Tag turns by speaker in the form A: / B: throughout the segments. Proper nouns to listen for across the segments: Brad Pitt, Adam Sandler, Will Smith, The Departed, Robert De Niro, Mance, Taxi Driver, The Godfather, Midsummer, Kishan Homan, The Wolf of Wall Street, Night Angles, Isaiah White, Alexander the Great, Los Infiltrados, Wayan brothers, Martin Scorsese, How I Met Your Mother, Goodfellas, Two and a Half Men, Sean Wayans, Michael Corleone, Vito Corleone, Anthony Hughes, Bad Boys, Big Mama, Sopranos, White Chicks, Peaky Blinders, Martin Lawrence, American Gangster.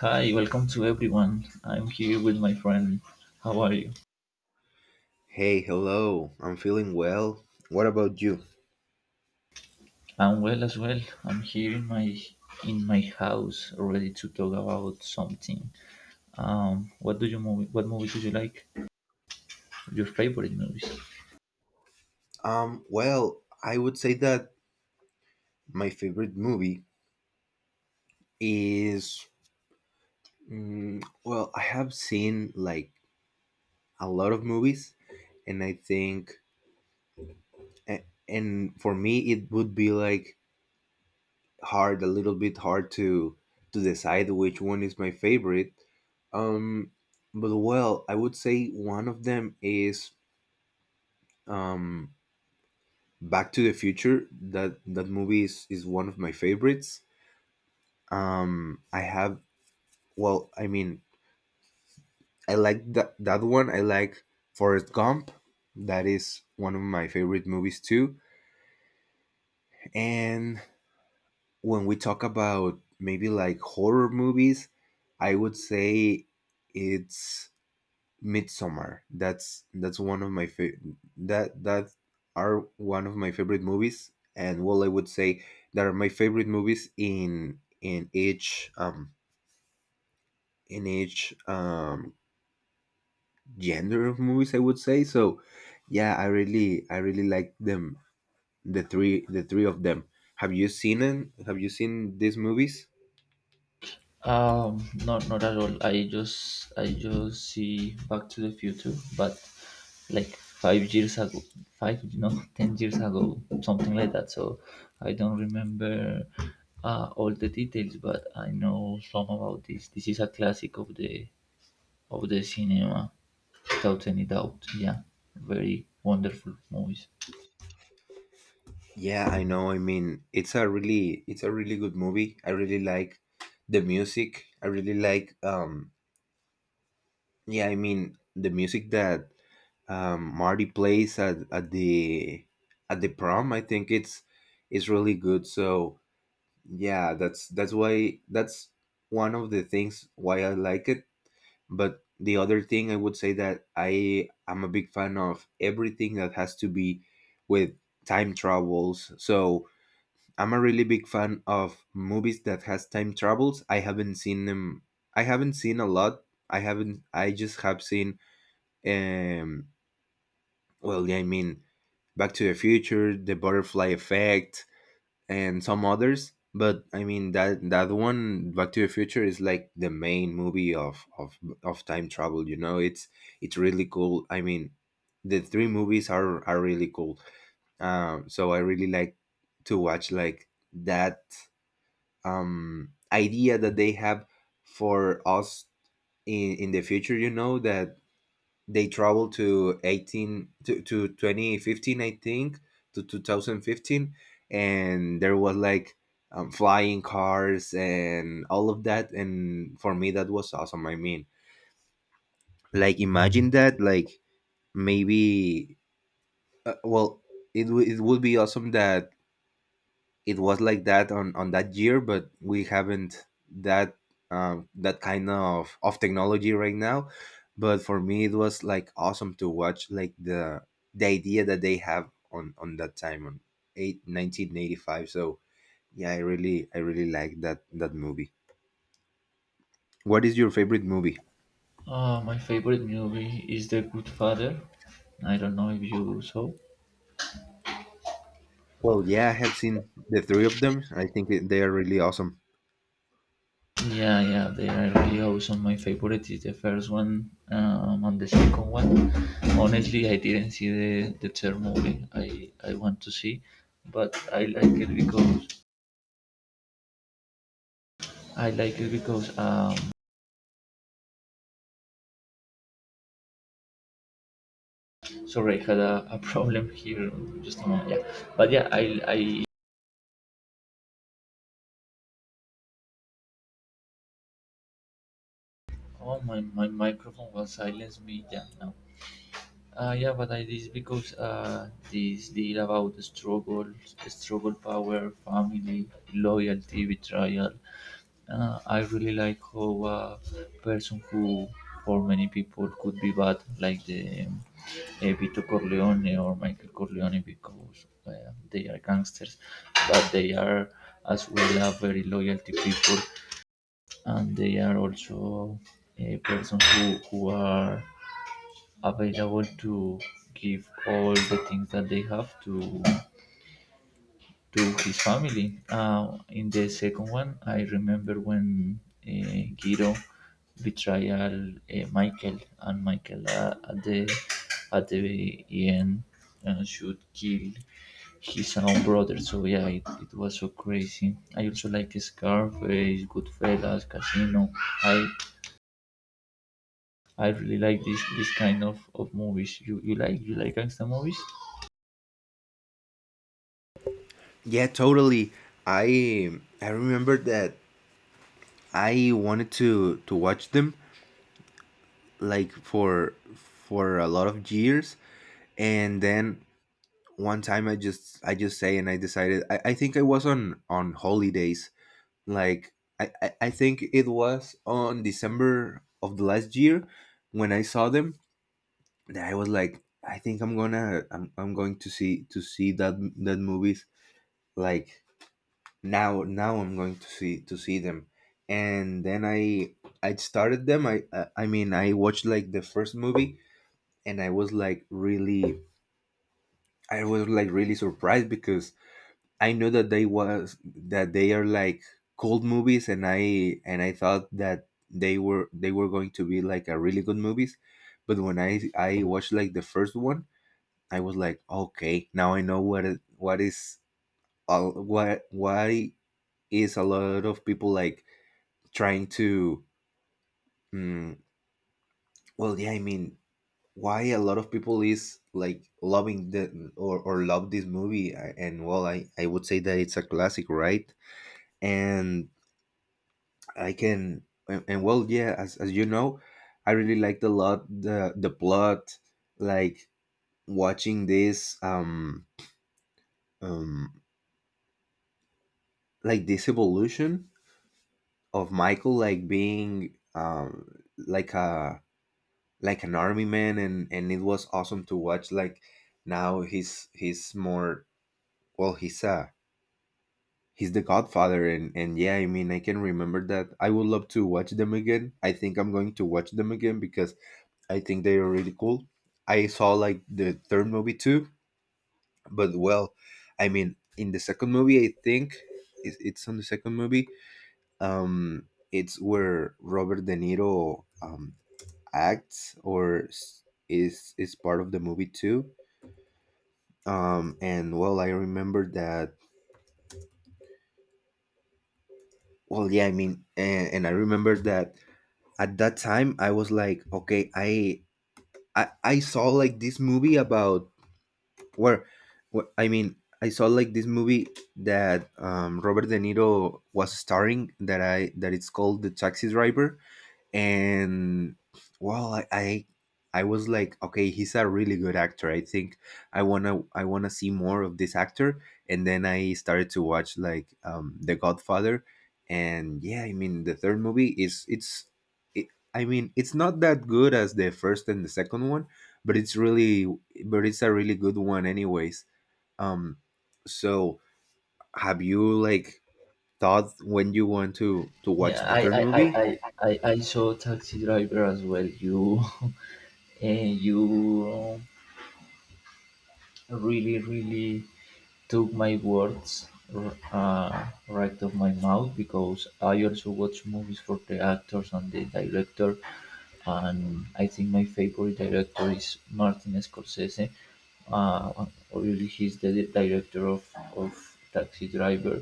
A: Hi, welcome to everyone. I'm here with my friend. How are you?
B: Hey, hello. I'm feeling well. What about you?
A: I'm well as well. I'm here in my house, ready to talk about something. What do you movie? What movies do you like? Your favorite movies?
B: I would say that my favorite movie is well, I have seen like a lot of movies, and I think and for me it would be like hard a little bit hard to decide which one is my favorite. Um, but well, I would say one of them is um Back to the Future. That movie is one of my favorites. I have well, I mean, I like that one. I like Forrest Gump. That is one of my favorite movies too. And when we talk about maybe like horror movies, I would say it's Midsummer. That's one of my fa- that that are one of my favorite movies. And well, I would say that are my favorite movies in each in each genre of movies, I would say. So yeah, I really I really like them, the three of them. Have you seen them? Have you seen these movies?
A: Not at all. I just see Back to the Future, but like 5 years ago, five no, 10 years ago, something like that. So I don't remember all the details, but I know some about this. This is a classic of the cinema, without any doubt. Yeah, very wonderful movies.
B: Yeah, I know. I mean, it's a really good movie. I really like the music. I really like yeah, I mean the music that Marty plays at the prom, I think it's really good. So yeah, that's why that's one of the things why I like it. But the other thing, I would say that I am a big fan of everything that has to be with time travels. So I'm a really big fan of movies that has time travels. I haven't seen them. I haven't seen a lot. I haven't. I just have seen. Um. Yeah, I mean, Back to the Future, The Butterfly Effect, and some others. But I mean that that one, Back to the Future, is like the main movie of of time travel. You know, it's really cool. I mean, the three movies are really cool. So I really like to watch like that idea that they have for us in the future. You know that they traveled to 2015, I think. to 2015 And there was like flying cars and all of that, and for me that was awesome. I mean, like imagine that, like maybe uh, well it would be awesome that it was like that on that year, but we haven't that that kind of technology right now. But for me it was like awesome to watch like the idea that they have on that time, on 8 1985. So yeah, I really I really like that movie. What is your favorite movie?
A: My favorite movie is The Good Father. I don't know if you saw.
B: Well, yeah, I have seen the three of them. I think that they are really awesome.
A: Yeah, yeah, they are really awesome. My favorite is the first one, and the second one. Honestly, I didn't see the third movie. I want to see, but I like it because I like it because sorry, I had a problem here. Just a moment, yeah. But yeah, I oh, my microphone was silenced me. Yeah, now. Yeah, but I this because this deal about the struggle, power, family, loyalty, betrayal. I really like how a person who, for many people, could be bad, like the Vito Corleone or Michael Corleone, because they are gangsters, but they are as well a very loyalty people, and they are also a person who are available to give all the things that they have to his family. In the second one, I remember when Guido betrayal Michael, and Michael at the end should kill his own brother. So yeah, it was so crazy. I also like Scarface, Goodfellas, Casino. I I really like this kind of movies. You like gangster movies?
B: Yeah, totally. I i remember that I wanted to watch them like for a lot of years. And then one time I just say, and I decided, I think I was on holidays. Like I think it was on December of the last year when I saw them. That I was like, I think I'm gonna I'm going to see that that movies. Like, now I'm going to see them. And then I started them. I watched like the first movie, and I was like really I was like really surprised. Because I know that they are like cold movies, and I thought that they were going to be like a really good movies. But when I watched like the first one, I was like, okay, now I know what what is all, what, why is a lot of people like trying to mm, yeah, I mean, why a lot of people is like loving the or love this movie. I- and well I would say that it's a classic, right? And I can and well yeah, as you know, I really liked a lot the plot. Like, watching this um like this evolution of Michael, like being like a an army man. And it was awesome to watch like now he's more. Well, he's a he's the Godfather. And yeah, I mean, I can remember that. I would love to watch them again. I think I'm going to watch them again because I think they are really cool. I saw like the third movie too, but well, I mean, in the second movie, I think it's on the second movie. It's where Robert De Niro acts, or is part of the movie too. And well, I remember that. Well, yeah, I mean, and I remember that at that time I was like, okay, I saw like this movie about where, where, I mean, I saw like this movie that Robert De Niro was starring, that I that it's called The Taxi Driver. And well, I, I was like, okay, he's a really good actor, I think. I want to see more of this actor. And then I started to watch like The Godfather. And yeah, I mean, the third movie is it, I mean, it's not that good as the first and the second one, but it's really but it's a really good one anyways. um so have you like thought when you want to watch
A: Yeah,
B: the
A: I
B: third
A: I,
B: movie?
A: I, I, I I saw Taxi Driver as well. You and you really, really took my words right off my mouth, because I also watch movies for the actors and the director, and I think my favorite director is Martin Scorsese. Uh, really, he's the director of Taxi Driver.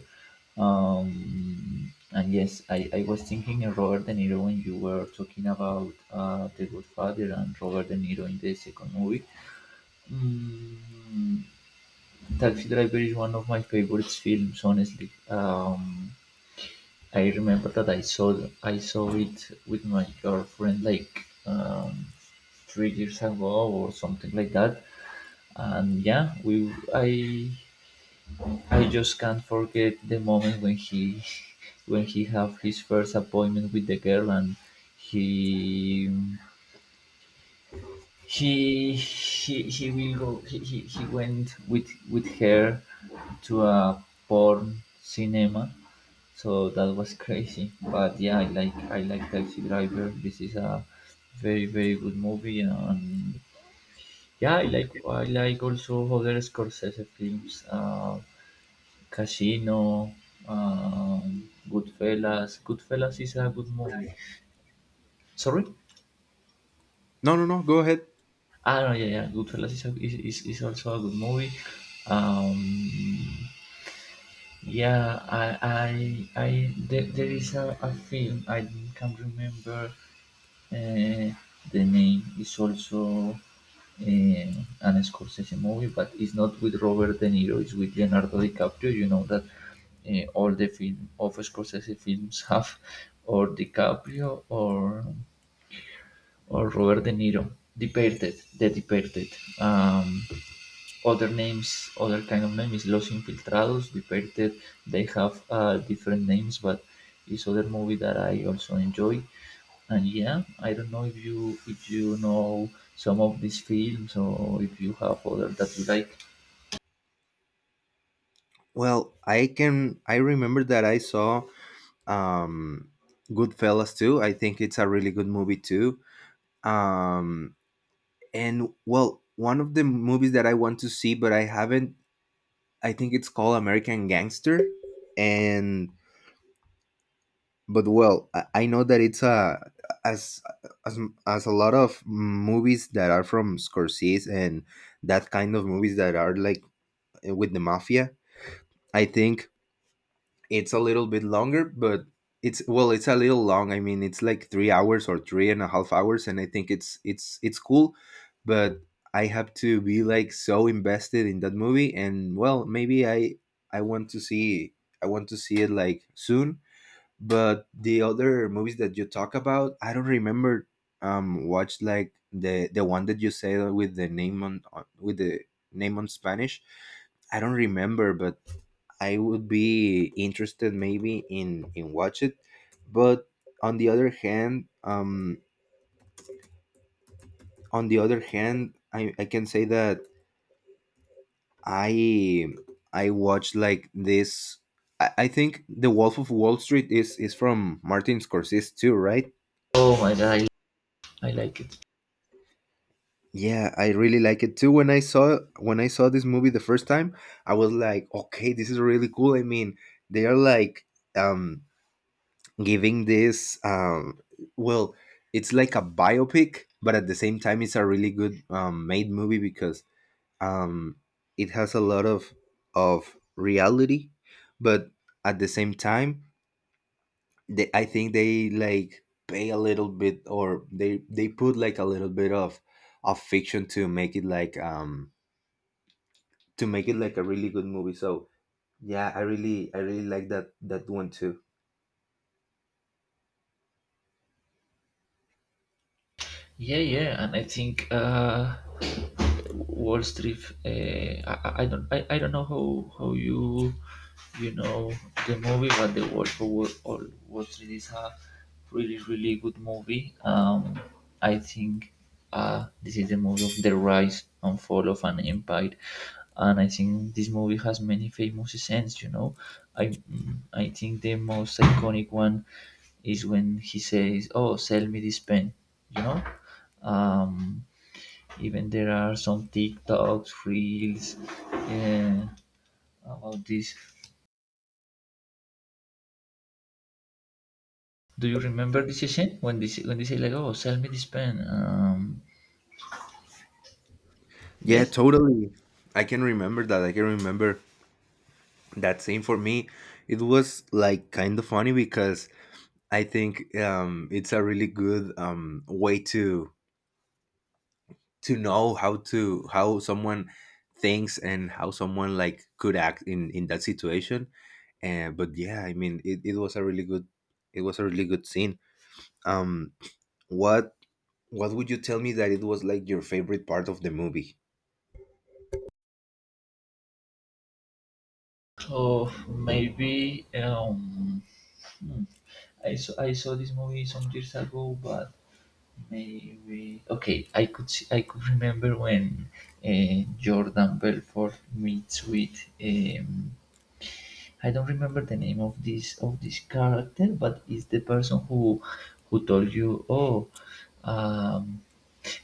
A: And yes, I was thinking of Robert De Niro when you were talking about The Good Father and Robert De Niro in the second movie. Mm, Taxi Driver is one of my favorite films, honestly. I remember that I saw it with my girlfriend like 3 years ago or something like that, and yeah, we I just can't forget the moment when he when he have his first appointment with the girl, and he he will go he went with her to a porn cinema. So that was crazy, but yeah, I like Taxi Driver. This is a very, very good movie. And yeah, I like also other Scorsese films. Casino, Goodfellas is a good movie. Sorry.
B: No, no, no, go ahead.
A: Ah, no, yeah, yeah. Goodfellas is also a good movie. Um, yeah, I there is a film I can't remember uh, the name. It's also uh, an Scorsese movie, but it's not with Robert De Niro. It's with Leonardo DiCaprio. You know that all the film of Scorsese films have or DiCaprio or Robert De Niro. The Departed. Um, other names, other kind of name is Los Infiltrados, Departed. They have different names, but it's other movie that I also enjoy. And yeah, I don't know if you know some of these films or if you have other that you like.
B: Well, I can I remember that I saw um Goodfellas too. I think it's a really good movie too. Um and well, one of the movies that I want to see but I haven't, I think it's called American Gangster. And but well, I know that it's a as as as a lot of movies that are from Scorsese and that kind of movies that are like with the mafia. I think it's a little bit longer, but it's a little long. I mean, it's like 3 hours or three and a half hours, and I think it's cool, but I have to be like so invested in that movie. And well, maybe I want to see I want to see it like soon. But the other movies that you talk about, I don't remember. Watch like the one that you said with the name with the name on Spanish. I don't remember, but I would be interested maybe in watch it. But on the other hand, I can say that I I watch like this. I think The Wolf of Wall Street is from Martin Scorsese too, right?
A: Oh my god, I like it.
B: Yeah, I really like it too. When I saw this movie the first time, I was like, okay, this is really cool. I mean, they are like um giving this well it's like a biopic, but at the same time it's a really good made movie. Because um it has a lot of reality, but at the same time they, I think, they like pay a little bit, or they put like a little bit of fiction to make it like a really good movie. So yeah, I really I really like that one too.
A: Yeah, yeah, and I think Wall Street. I don't know how you know the movie, but the Wolf of Wall, Wall Wall Street is a really, really good movie. I think this is the movie of the rise and fall of an empire, and I think this movie has many famous scenes. You know, I think the most iconic one is when he says, "Oh, sell me this pen," you know. Um, even there are some TikToks, reels, yeah, about this. Do you remember this session when this when they say like, oh, sell me this pen? Um,
B: Yeah,
A: yes.
B: totally. I can remember that. I can remember That scene, for me, it was like kind of funny, because I think it's a really good way to know how to how someone thinks and how someone like could act in that situation. And but yeah, I mean, it was a really good scene. um what what would you tell me that it was like your favorite part of the movie?
A: So maybe hmm, I saw this movie some years ago, but maybe okay. I could remember when Jordan Belfort meets with I don't remember the name of this character, but it's the person who told you, oh, um,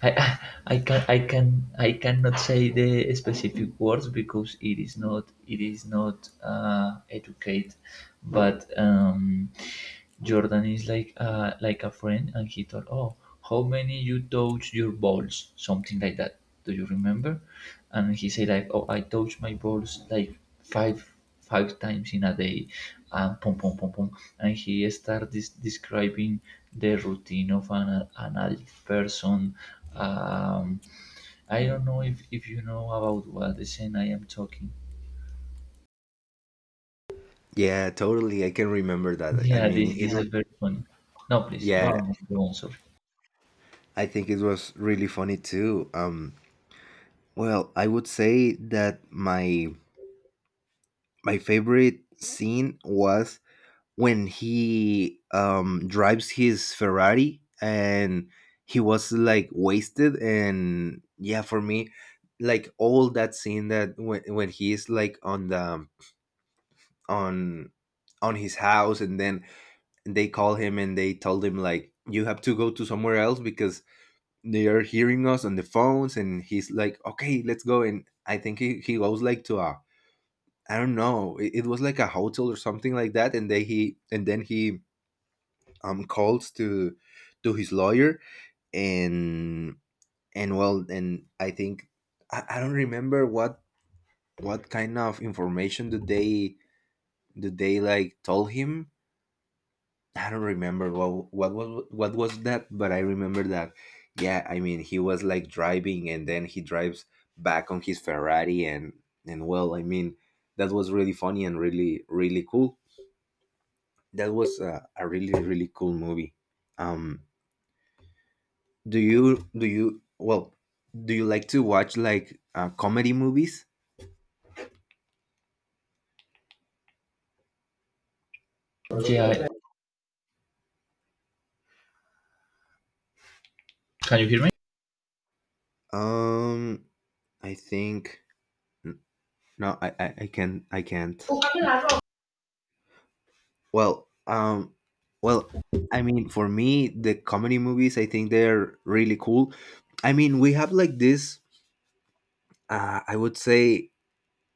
A: I I can I can I cannot say the specific words because it is not educate, but Jordan is like like a friend, and he told, oh, how many you touch your balls, something like that. Do you remember? And he said like, oh, I touch my balls like five five times in a day, and pom pom pom pom, and he starts describing the routine of an addict person um, I don't know if you know about what the scene I am talking.
B: Yeah, totally. I can remember that. I
A: Yeah,
B: mean,
A: this
B: it
A: this is
B: was
A: very funny. No, please, go
B: yeah,
A: on, go on. Sorry.
B: I think it was really funny too. Well, I would say that my favorite scene was when he drives his Ferrari and he was like wasted. And yeah, for me, like all that scene, that when he is like on the on on his house, and then they call him and they told him like, you have to go to somewhere else because they are hearing us on the phones. And he's like, okay, let's go. And I think he goes like to a I don't know. It was like a hotel or something like that. And then he calls to his lawyer. And well, and I think I don't remember what kind of information did they like told him. I don't remember What was that, but I remember that. Yeah, I mean he was like driving, and then he drives back on his Ferrari, and well, I mean that was really funny and really really cool. That was a really really cool movie. um do you do you well do you like to watch like comedy movies?
A: Yeah, can you hear me?
B: um I think. No, I can't. Well um well I mean, for me, the comedy movies, I think they're really cool. I mean, we have like this, I would say,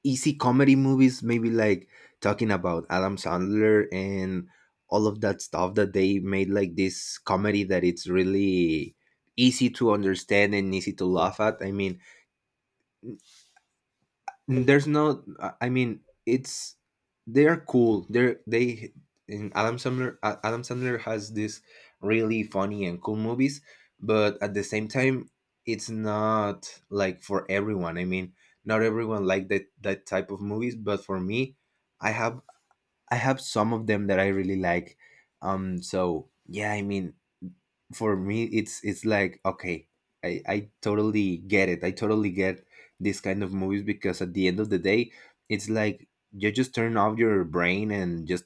B: easy comedy movies, maybe like talking about Adam Sandler and all of that stuff that they made, like this comedy that it's really easy to understand and easy to laugh at. I mean, there's no. I mean, it's, they are cool. They're they and Adam Sandler. Adam Sandler has this really funny and cool movies, but at the same time, it's not like for everyone. I mean, not everyone like that type of movies. But for me, I have I have some of them that I really like. So yeah, I mean, for me it's like okay. I totally get it. I totally get this kind of movies because at the end of the day it's like you just turn off your brain and just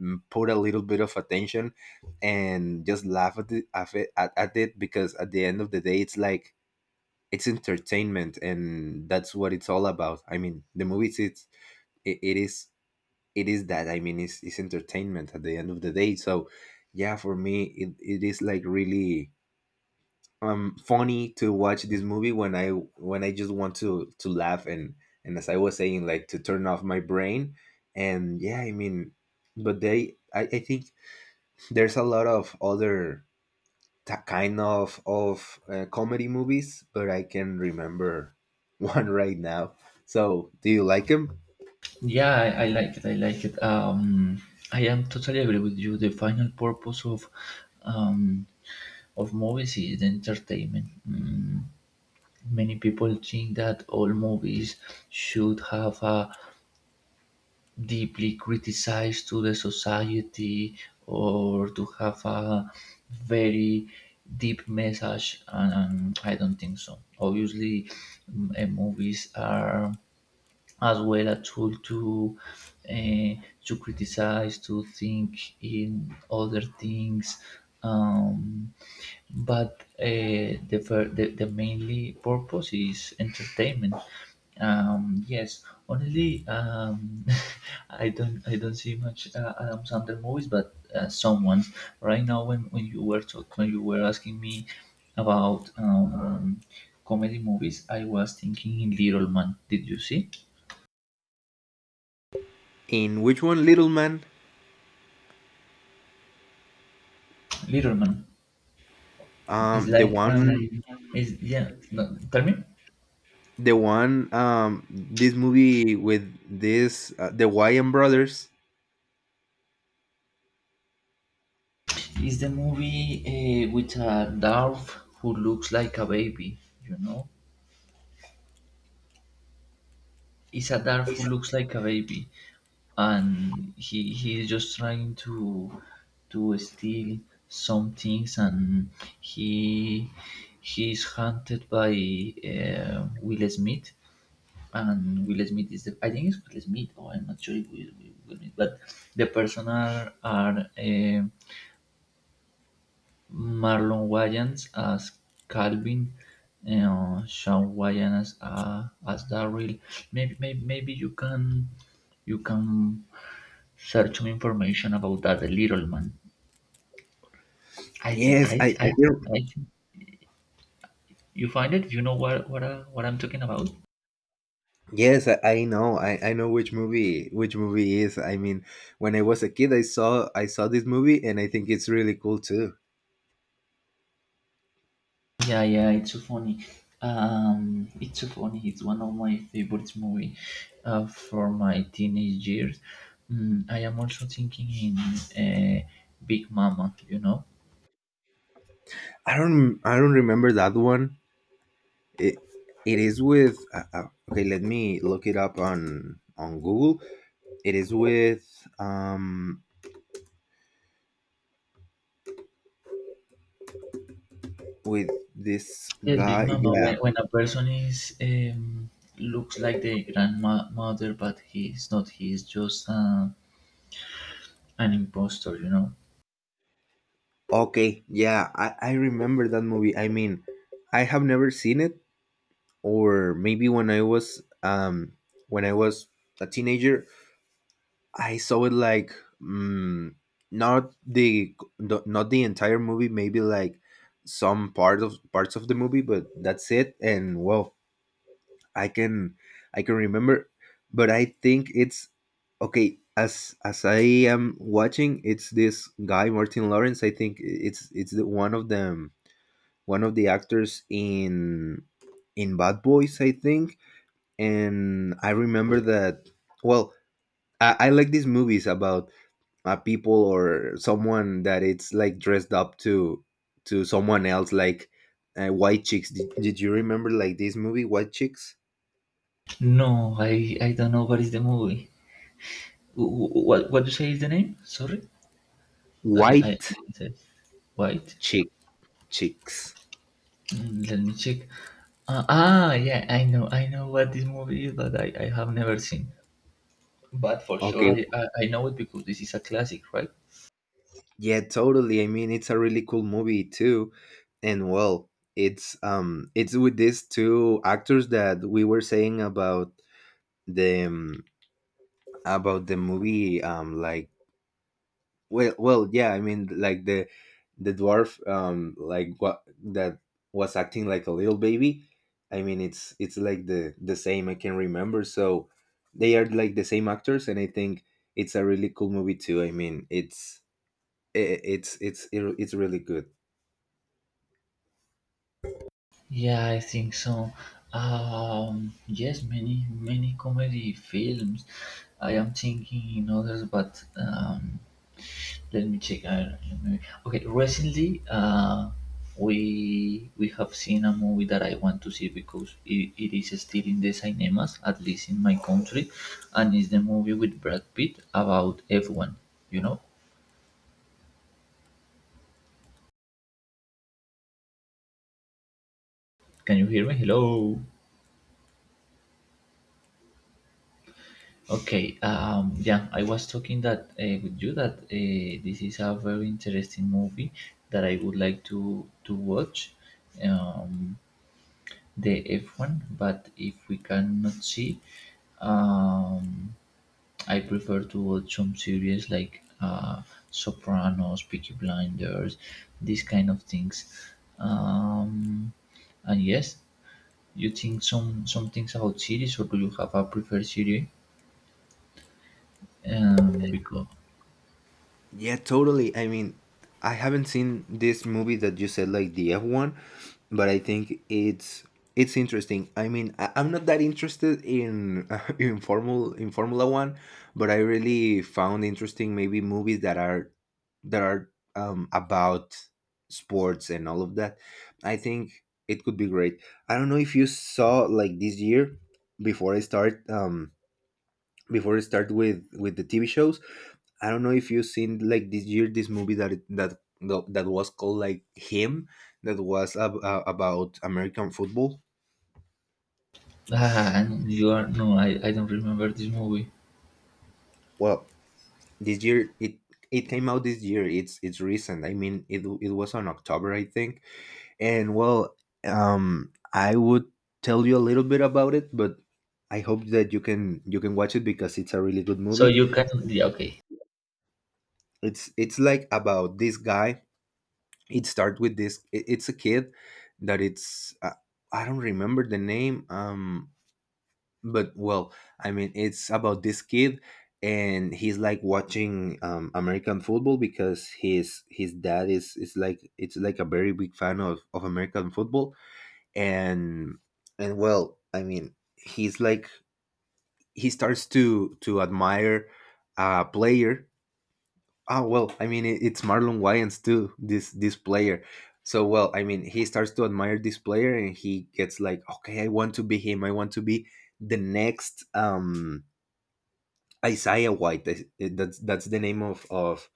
B: put a little bit of attention and just laugh at it because at the end of the day it's like it's entertainment, and that's what it's all about. I mean, the movies, it, it is it is that. I mean, it's entertainment at the end of the day. So yeah, for me it is like really funny to watch this movie when I just want to laugh, and as I was saying, like to turn off my brain. And yeah, I mean, but I think there's a lot of other kind of comedy movies, but I can remember one right now. So do you like him?
A: Yeah, I like it. I am totally agree with you. The final purpose of um, movies is the entertainment. Many people think that all movies should have a deeply criticized to the society or to have a very deep message, and I don't think so. Obviously, movies are as well a tool to uh, criticize, to think in other things. Um, but the, fir- the mainly purpose is entertainment. Yes, honestly, I don't see much Adam Sandler movies, but some ones. Right now, when you were asking me about comedy movies, I was thinking in Little Man. Did you see
B: In which one, Little Man?
A: Little Man? It's
B: The
A: like
B: one,
A: is, yeah. No, tell me.
B: this movie with this the Wyan brothers.
A: It's the movie with a dwarf who looks like a baby. You know, it's a dwarf who looks like a baby, and he's just trying to steal some things, and he he's hunted by Will Smith, and Will Smith is the I think it's Will Smith, or I'm not sure if it's Will Smith, but the person are. Marlon Wayans as Calvin, and Sean Wayans as Daryl. Maybe you can search some information about that the little man. I think
B: Yes,
A: I
B: I,
A: th-
B: I can.
A: I think you find it. You know what I'm talking about.
B: Yes, I know. I know which movie is. I mean, when I was a kid, I saw this movie, and I think it's really cool too.
A: Yeah, yeah, it's so funny. It's so funny. It's one of my favorite movie for my teenage years. I am also thinking in Big Mama. You know,
B: I don't remember that one. It it is with okay. Let me look it up on Google. It is um with this
A: yes, Big
B: guy.
A: Mama.
B: Yeah.
A: When a person is looks like the grandmother, but he's not. He's just an imposter, you know.
B: Okay. Yeah. I remember that movie. I mean, I have never seen it, or maybe when I was a teenager, I saw it like mm, not not the entire movie, maybe like some part of parts of the movie, but that's it. And well, I can I can remember, but I think it's okay. As I am watching, it's this guy Martin Lawrence. I think it's one of them, one of the actors in Bad Boys, I think, and I remember that. Well, I like these movies about people or someone that it's like dressed up to someone else, like White Chicks. Did you remember, like, this movie, white chicks
A: No, I don't know what is the movie. What you say is the name? Sorry, I
B: white
A: can't say. White.
B: chick chicks
A: Let me check. Yeah, I know what this movie is, but I have never seen. But for sure,
B: Okay,
A: I know it because this is a classic, right?
B: yeah, totally. I mean, it's a really cool movie too. And well, it's with these two actors that we were saying about, the about the movie, like. Well, yeah. I mean, like the dwarf, like what that was acting like a little baby. I mean, it's like the same, I can remember. So they are like the same actors, and I think it's a really cool movie too. I mean, it's really good.
A: Yeah, I think so. Yes, many, many comedy films. I am thinking in others, but let me check. Okay, recently we have seen a movie that I want to see because it is still in the cinemas, at least in my country, and it's the movie with Brad Pitt about F1. You know? Can you hear me? Hello. Okay, I was talking that with you that this is a very interesting movie that I would like to watch, um, the F1. But if we cannot see, um, I prefer to watch some series like Sopranos, Peaky Blinders, these kind of things. Um, and yes, you think some things about series, or do you have a preferred series? Because.
B: Yeah, totally. I mean, I haven't seen this movie that you said, like, the F1, but I think it's interesting. I mean, I'm not that interested in in formal in Formula One, but I really found interesting maybe movies that are about sports and all of that. I think it could be great. I don't know if you saw, like, this year, before I start um before I start with the TV shows. I don't know if you've seen, like, this year, this movie that it- that that was called like him, that was about American football.
A: Ah, and you are no, I don't remember this movie.
B: Well, this year, it came out this year. It's recent. I mean, it was on October, I think. And well, I would tell you a little bit about it, but I hope that you can watch it because it's a really good
A: So
B: movie.
A: you can, yeah. Okay.
B: It's like about this guy. It starts with this. It's a kid that it's I don't remember the name. But well, I mean, it's about this kid, and he's like watching american football because his dad is like it's like a very big fan of american football and and well I mean he starts to admire a player. Oh well, I mean, it's Marlon Wayans too, This player. So well, I mean, he starts to admire this player, and he gets like, okay, I want to be him. I want to be the next Isaiah White. That's the name of of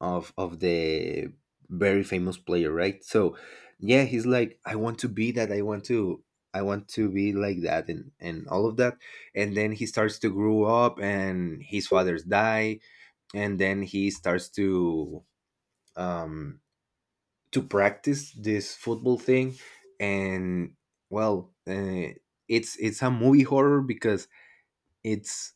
B: of of the very famous player, right? So yeah, he's like, I want to be that. I want to. I want to be like that, and all of that. And then he starts to grow up, and his fathers die. And then he starts um, to practice this football thing, and well, it's a movie horror because it's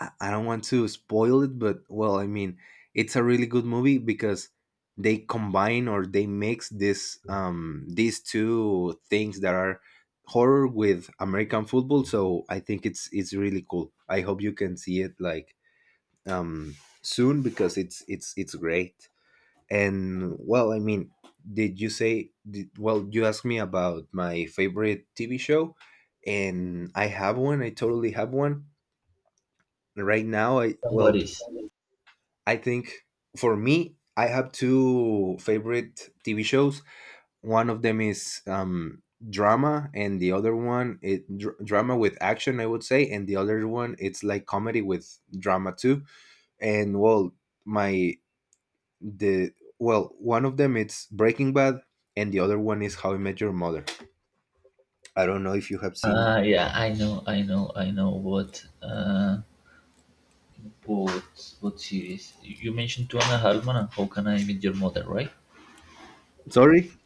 B: I don't want to spoil it, but well, I mean, it's a really good movie because they combine or they mix this these two things that are horror with American football. So I think it's really cool. I hope you can see it like um soon because it's great. And well, I mean, did you say, did, well, you asked me about my favorite TV show, and I have one. I totally have one. Right now,
A: And what
B: well,
A: is?
B: I think for me, I have two favorite TV shows. One of them is drama, and the other one, drama with action, I would say, and the other one, it's like comedy with drama too. And well, my the well, one of them, it's Breaking Bad, and the other one is How I Met Your Mother. I don't know if you have seen.
A: Yeah, I know what what series. You mentioned Two and a Half Men and How Can I Meet Your Mother, right?
B: Sorry,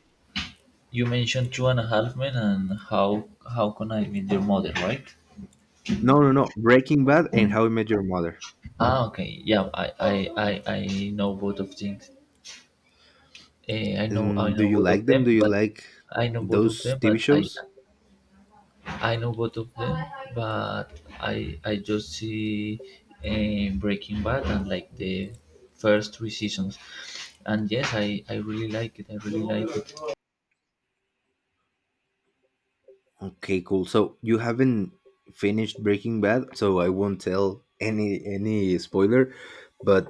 A: You mentioned Two and a Half Men and How Can I Meet Your Mother, right?
B: no, no, no, Breaking Bad and How I Met Your Mother.
A: Ah, okay, yeah, I know both of things. I
B: And do
A: know
B: you
A: both of
B: like them?
A: them,
B: do you
A: but
B: like
A: I know both of
B: those
A: them,
B: TV
A: but I
B: shows?
A: I know both of them, but I just see Breaking Bad and like the first three seasons. And yes, I really like it. I really like it.
B: Okay, cool. So you haven't finished Breaking Bad, so I won't tell any spoiler. But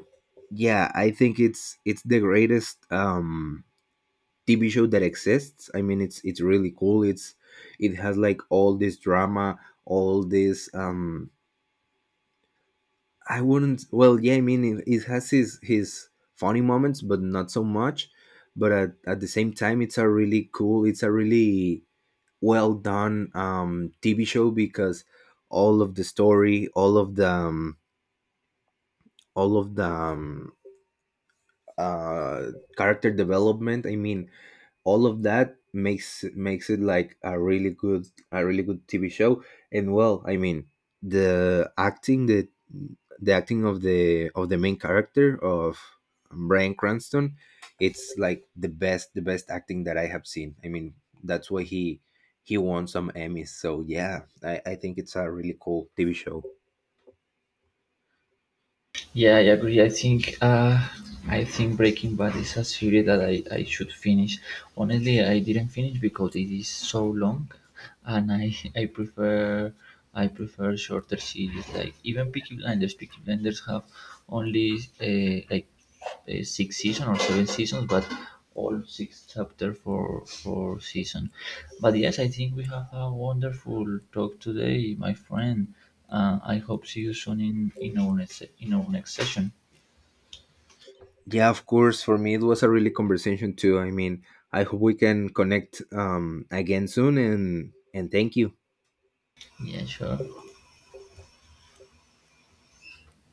B: yeah, I think it's the greatest TV show that exists. I mean, it's really cool. It has like all this drama, all this. I wouldn't. Well, yeah, I mean, it has his funny moments, but not so much. But at the same time, it's a really cool. It's a really well done TV show because all of the story, all of the uh, character development. I mean, all of that makes it like a really good TV show. And well, I mean, the acting the the acting of the main character of Bryan Cranston, it's like the best acting that I have seen. I mean, that's why he won some Emmys. So yeah, I think it's a really cool TV show.
A: Yeah, I agree. I think Breaking Bad is a series that I should finish. Honestly, I didn't finish because it is so long, and I, I prefer shorter series. Like even Peaky Blinders. Peaky Blinders have only six seasons or seven seasons, but all six chapter for season. But yes, I think we have a wonderful talk today, my friend. I hope see you soon in our next session.
B: Yeah, of course. For me, it was a really conversation too. I mean, I hope we can connect again soon, and thank you.
A: Yeah, sure.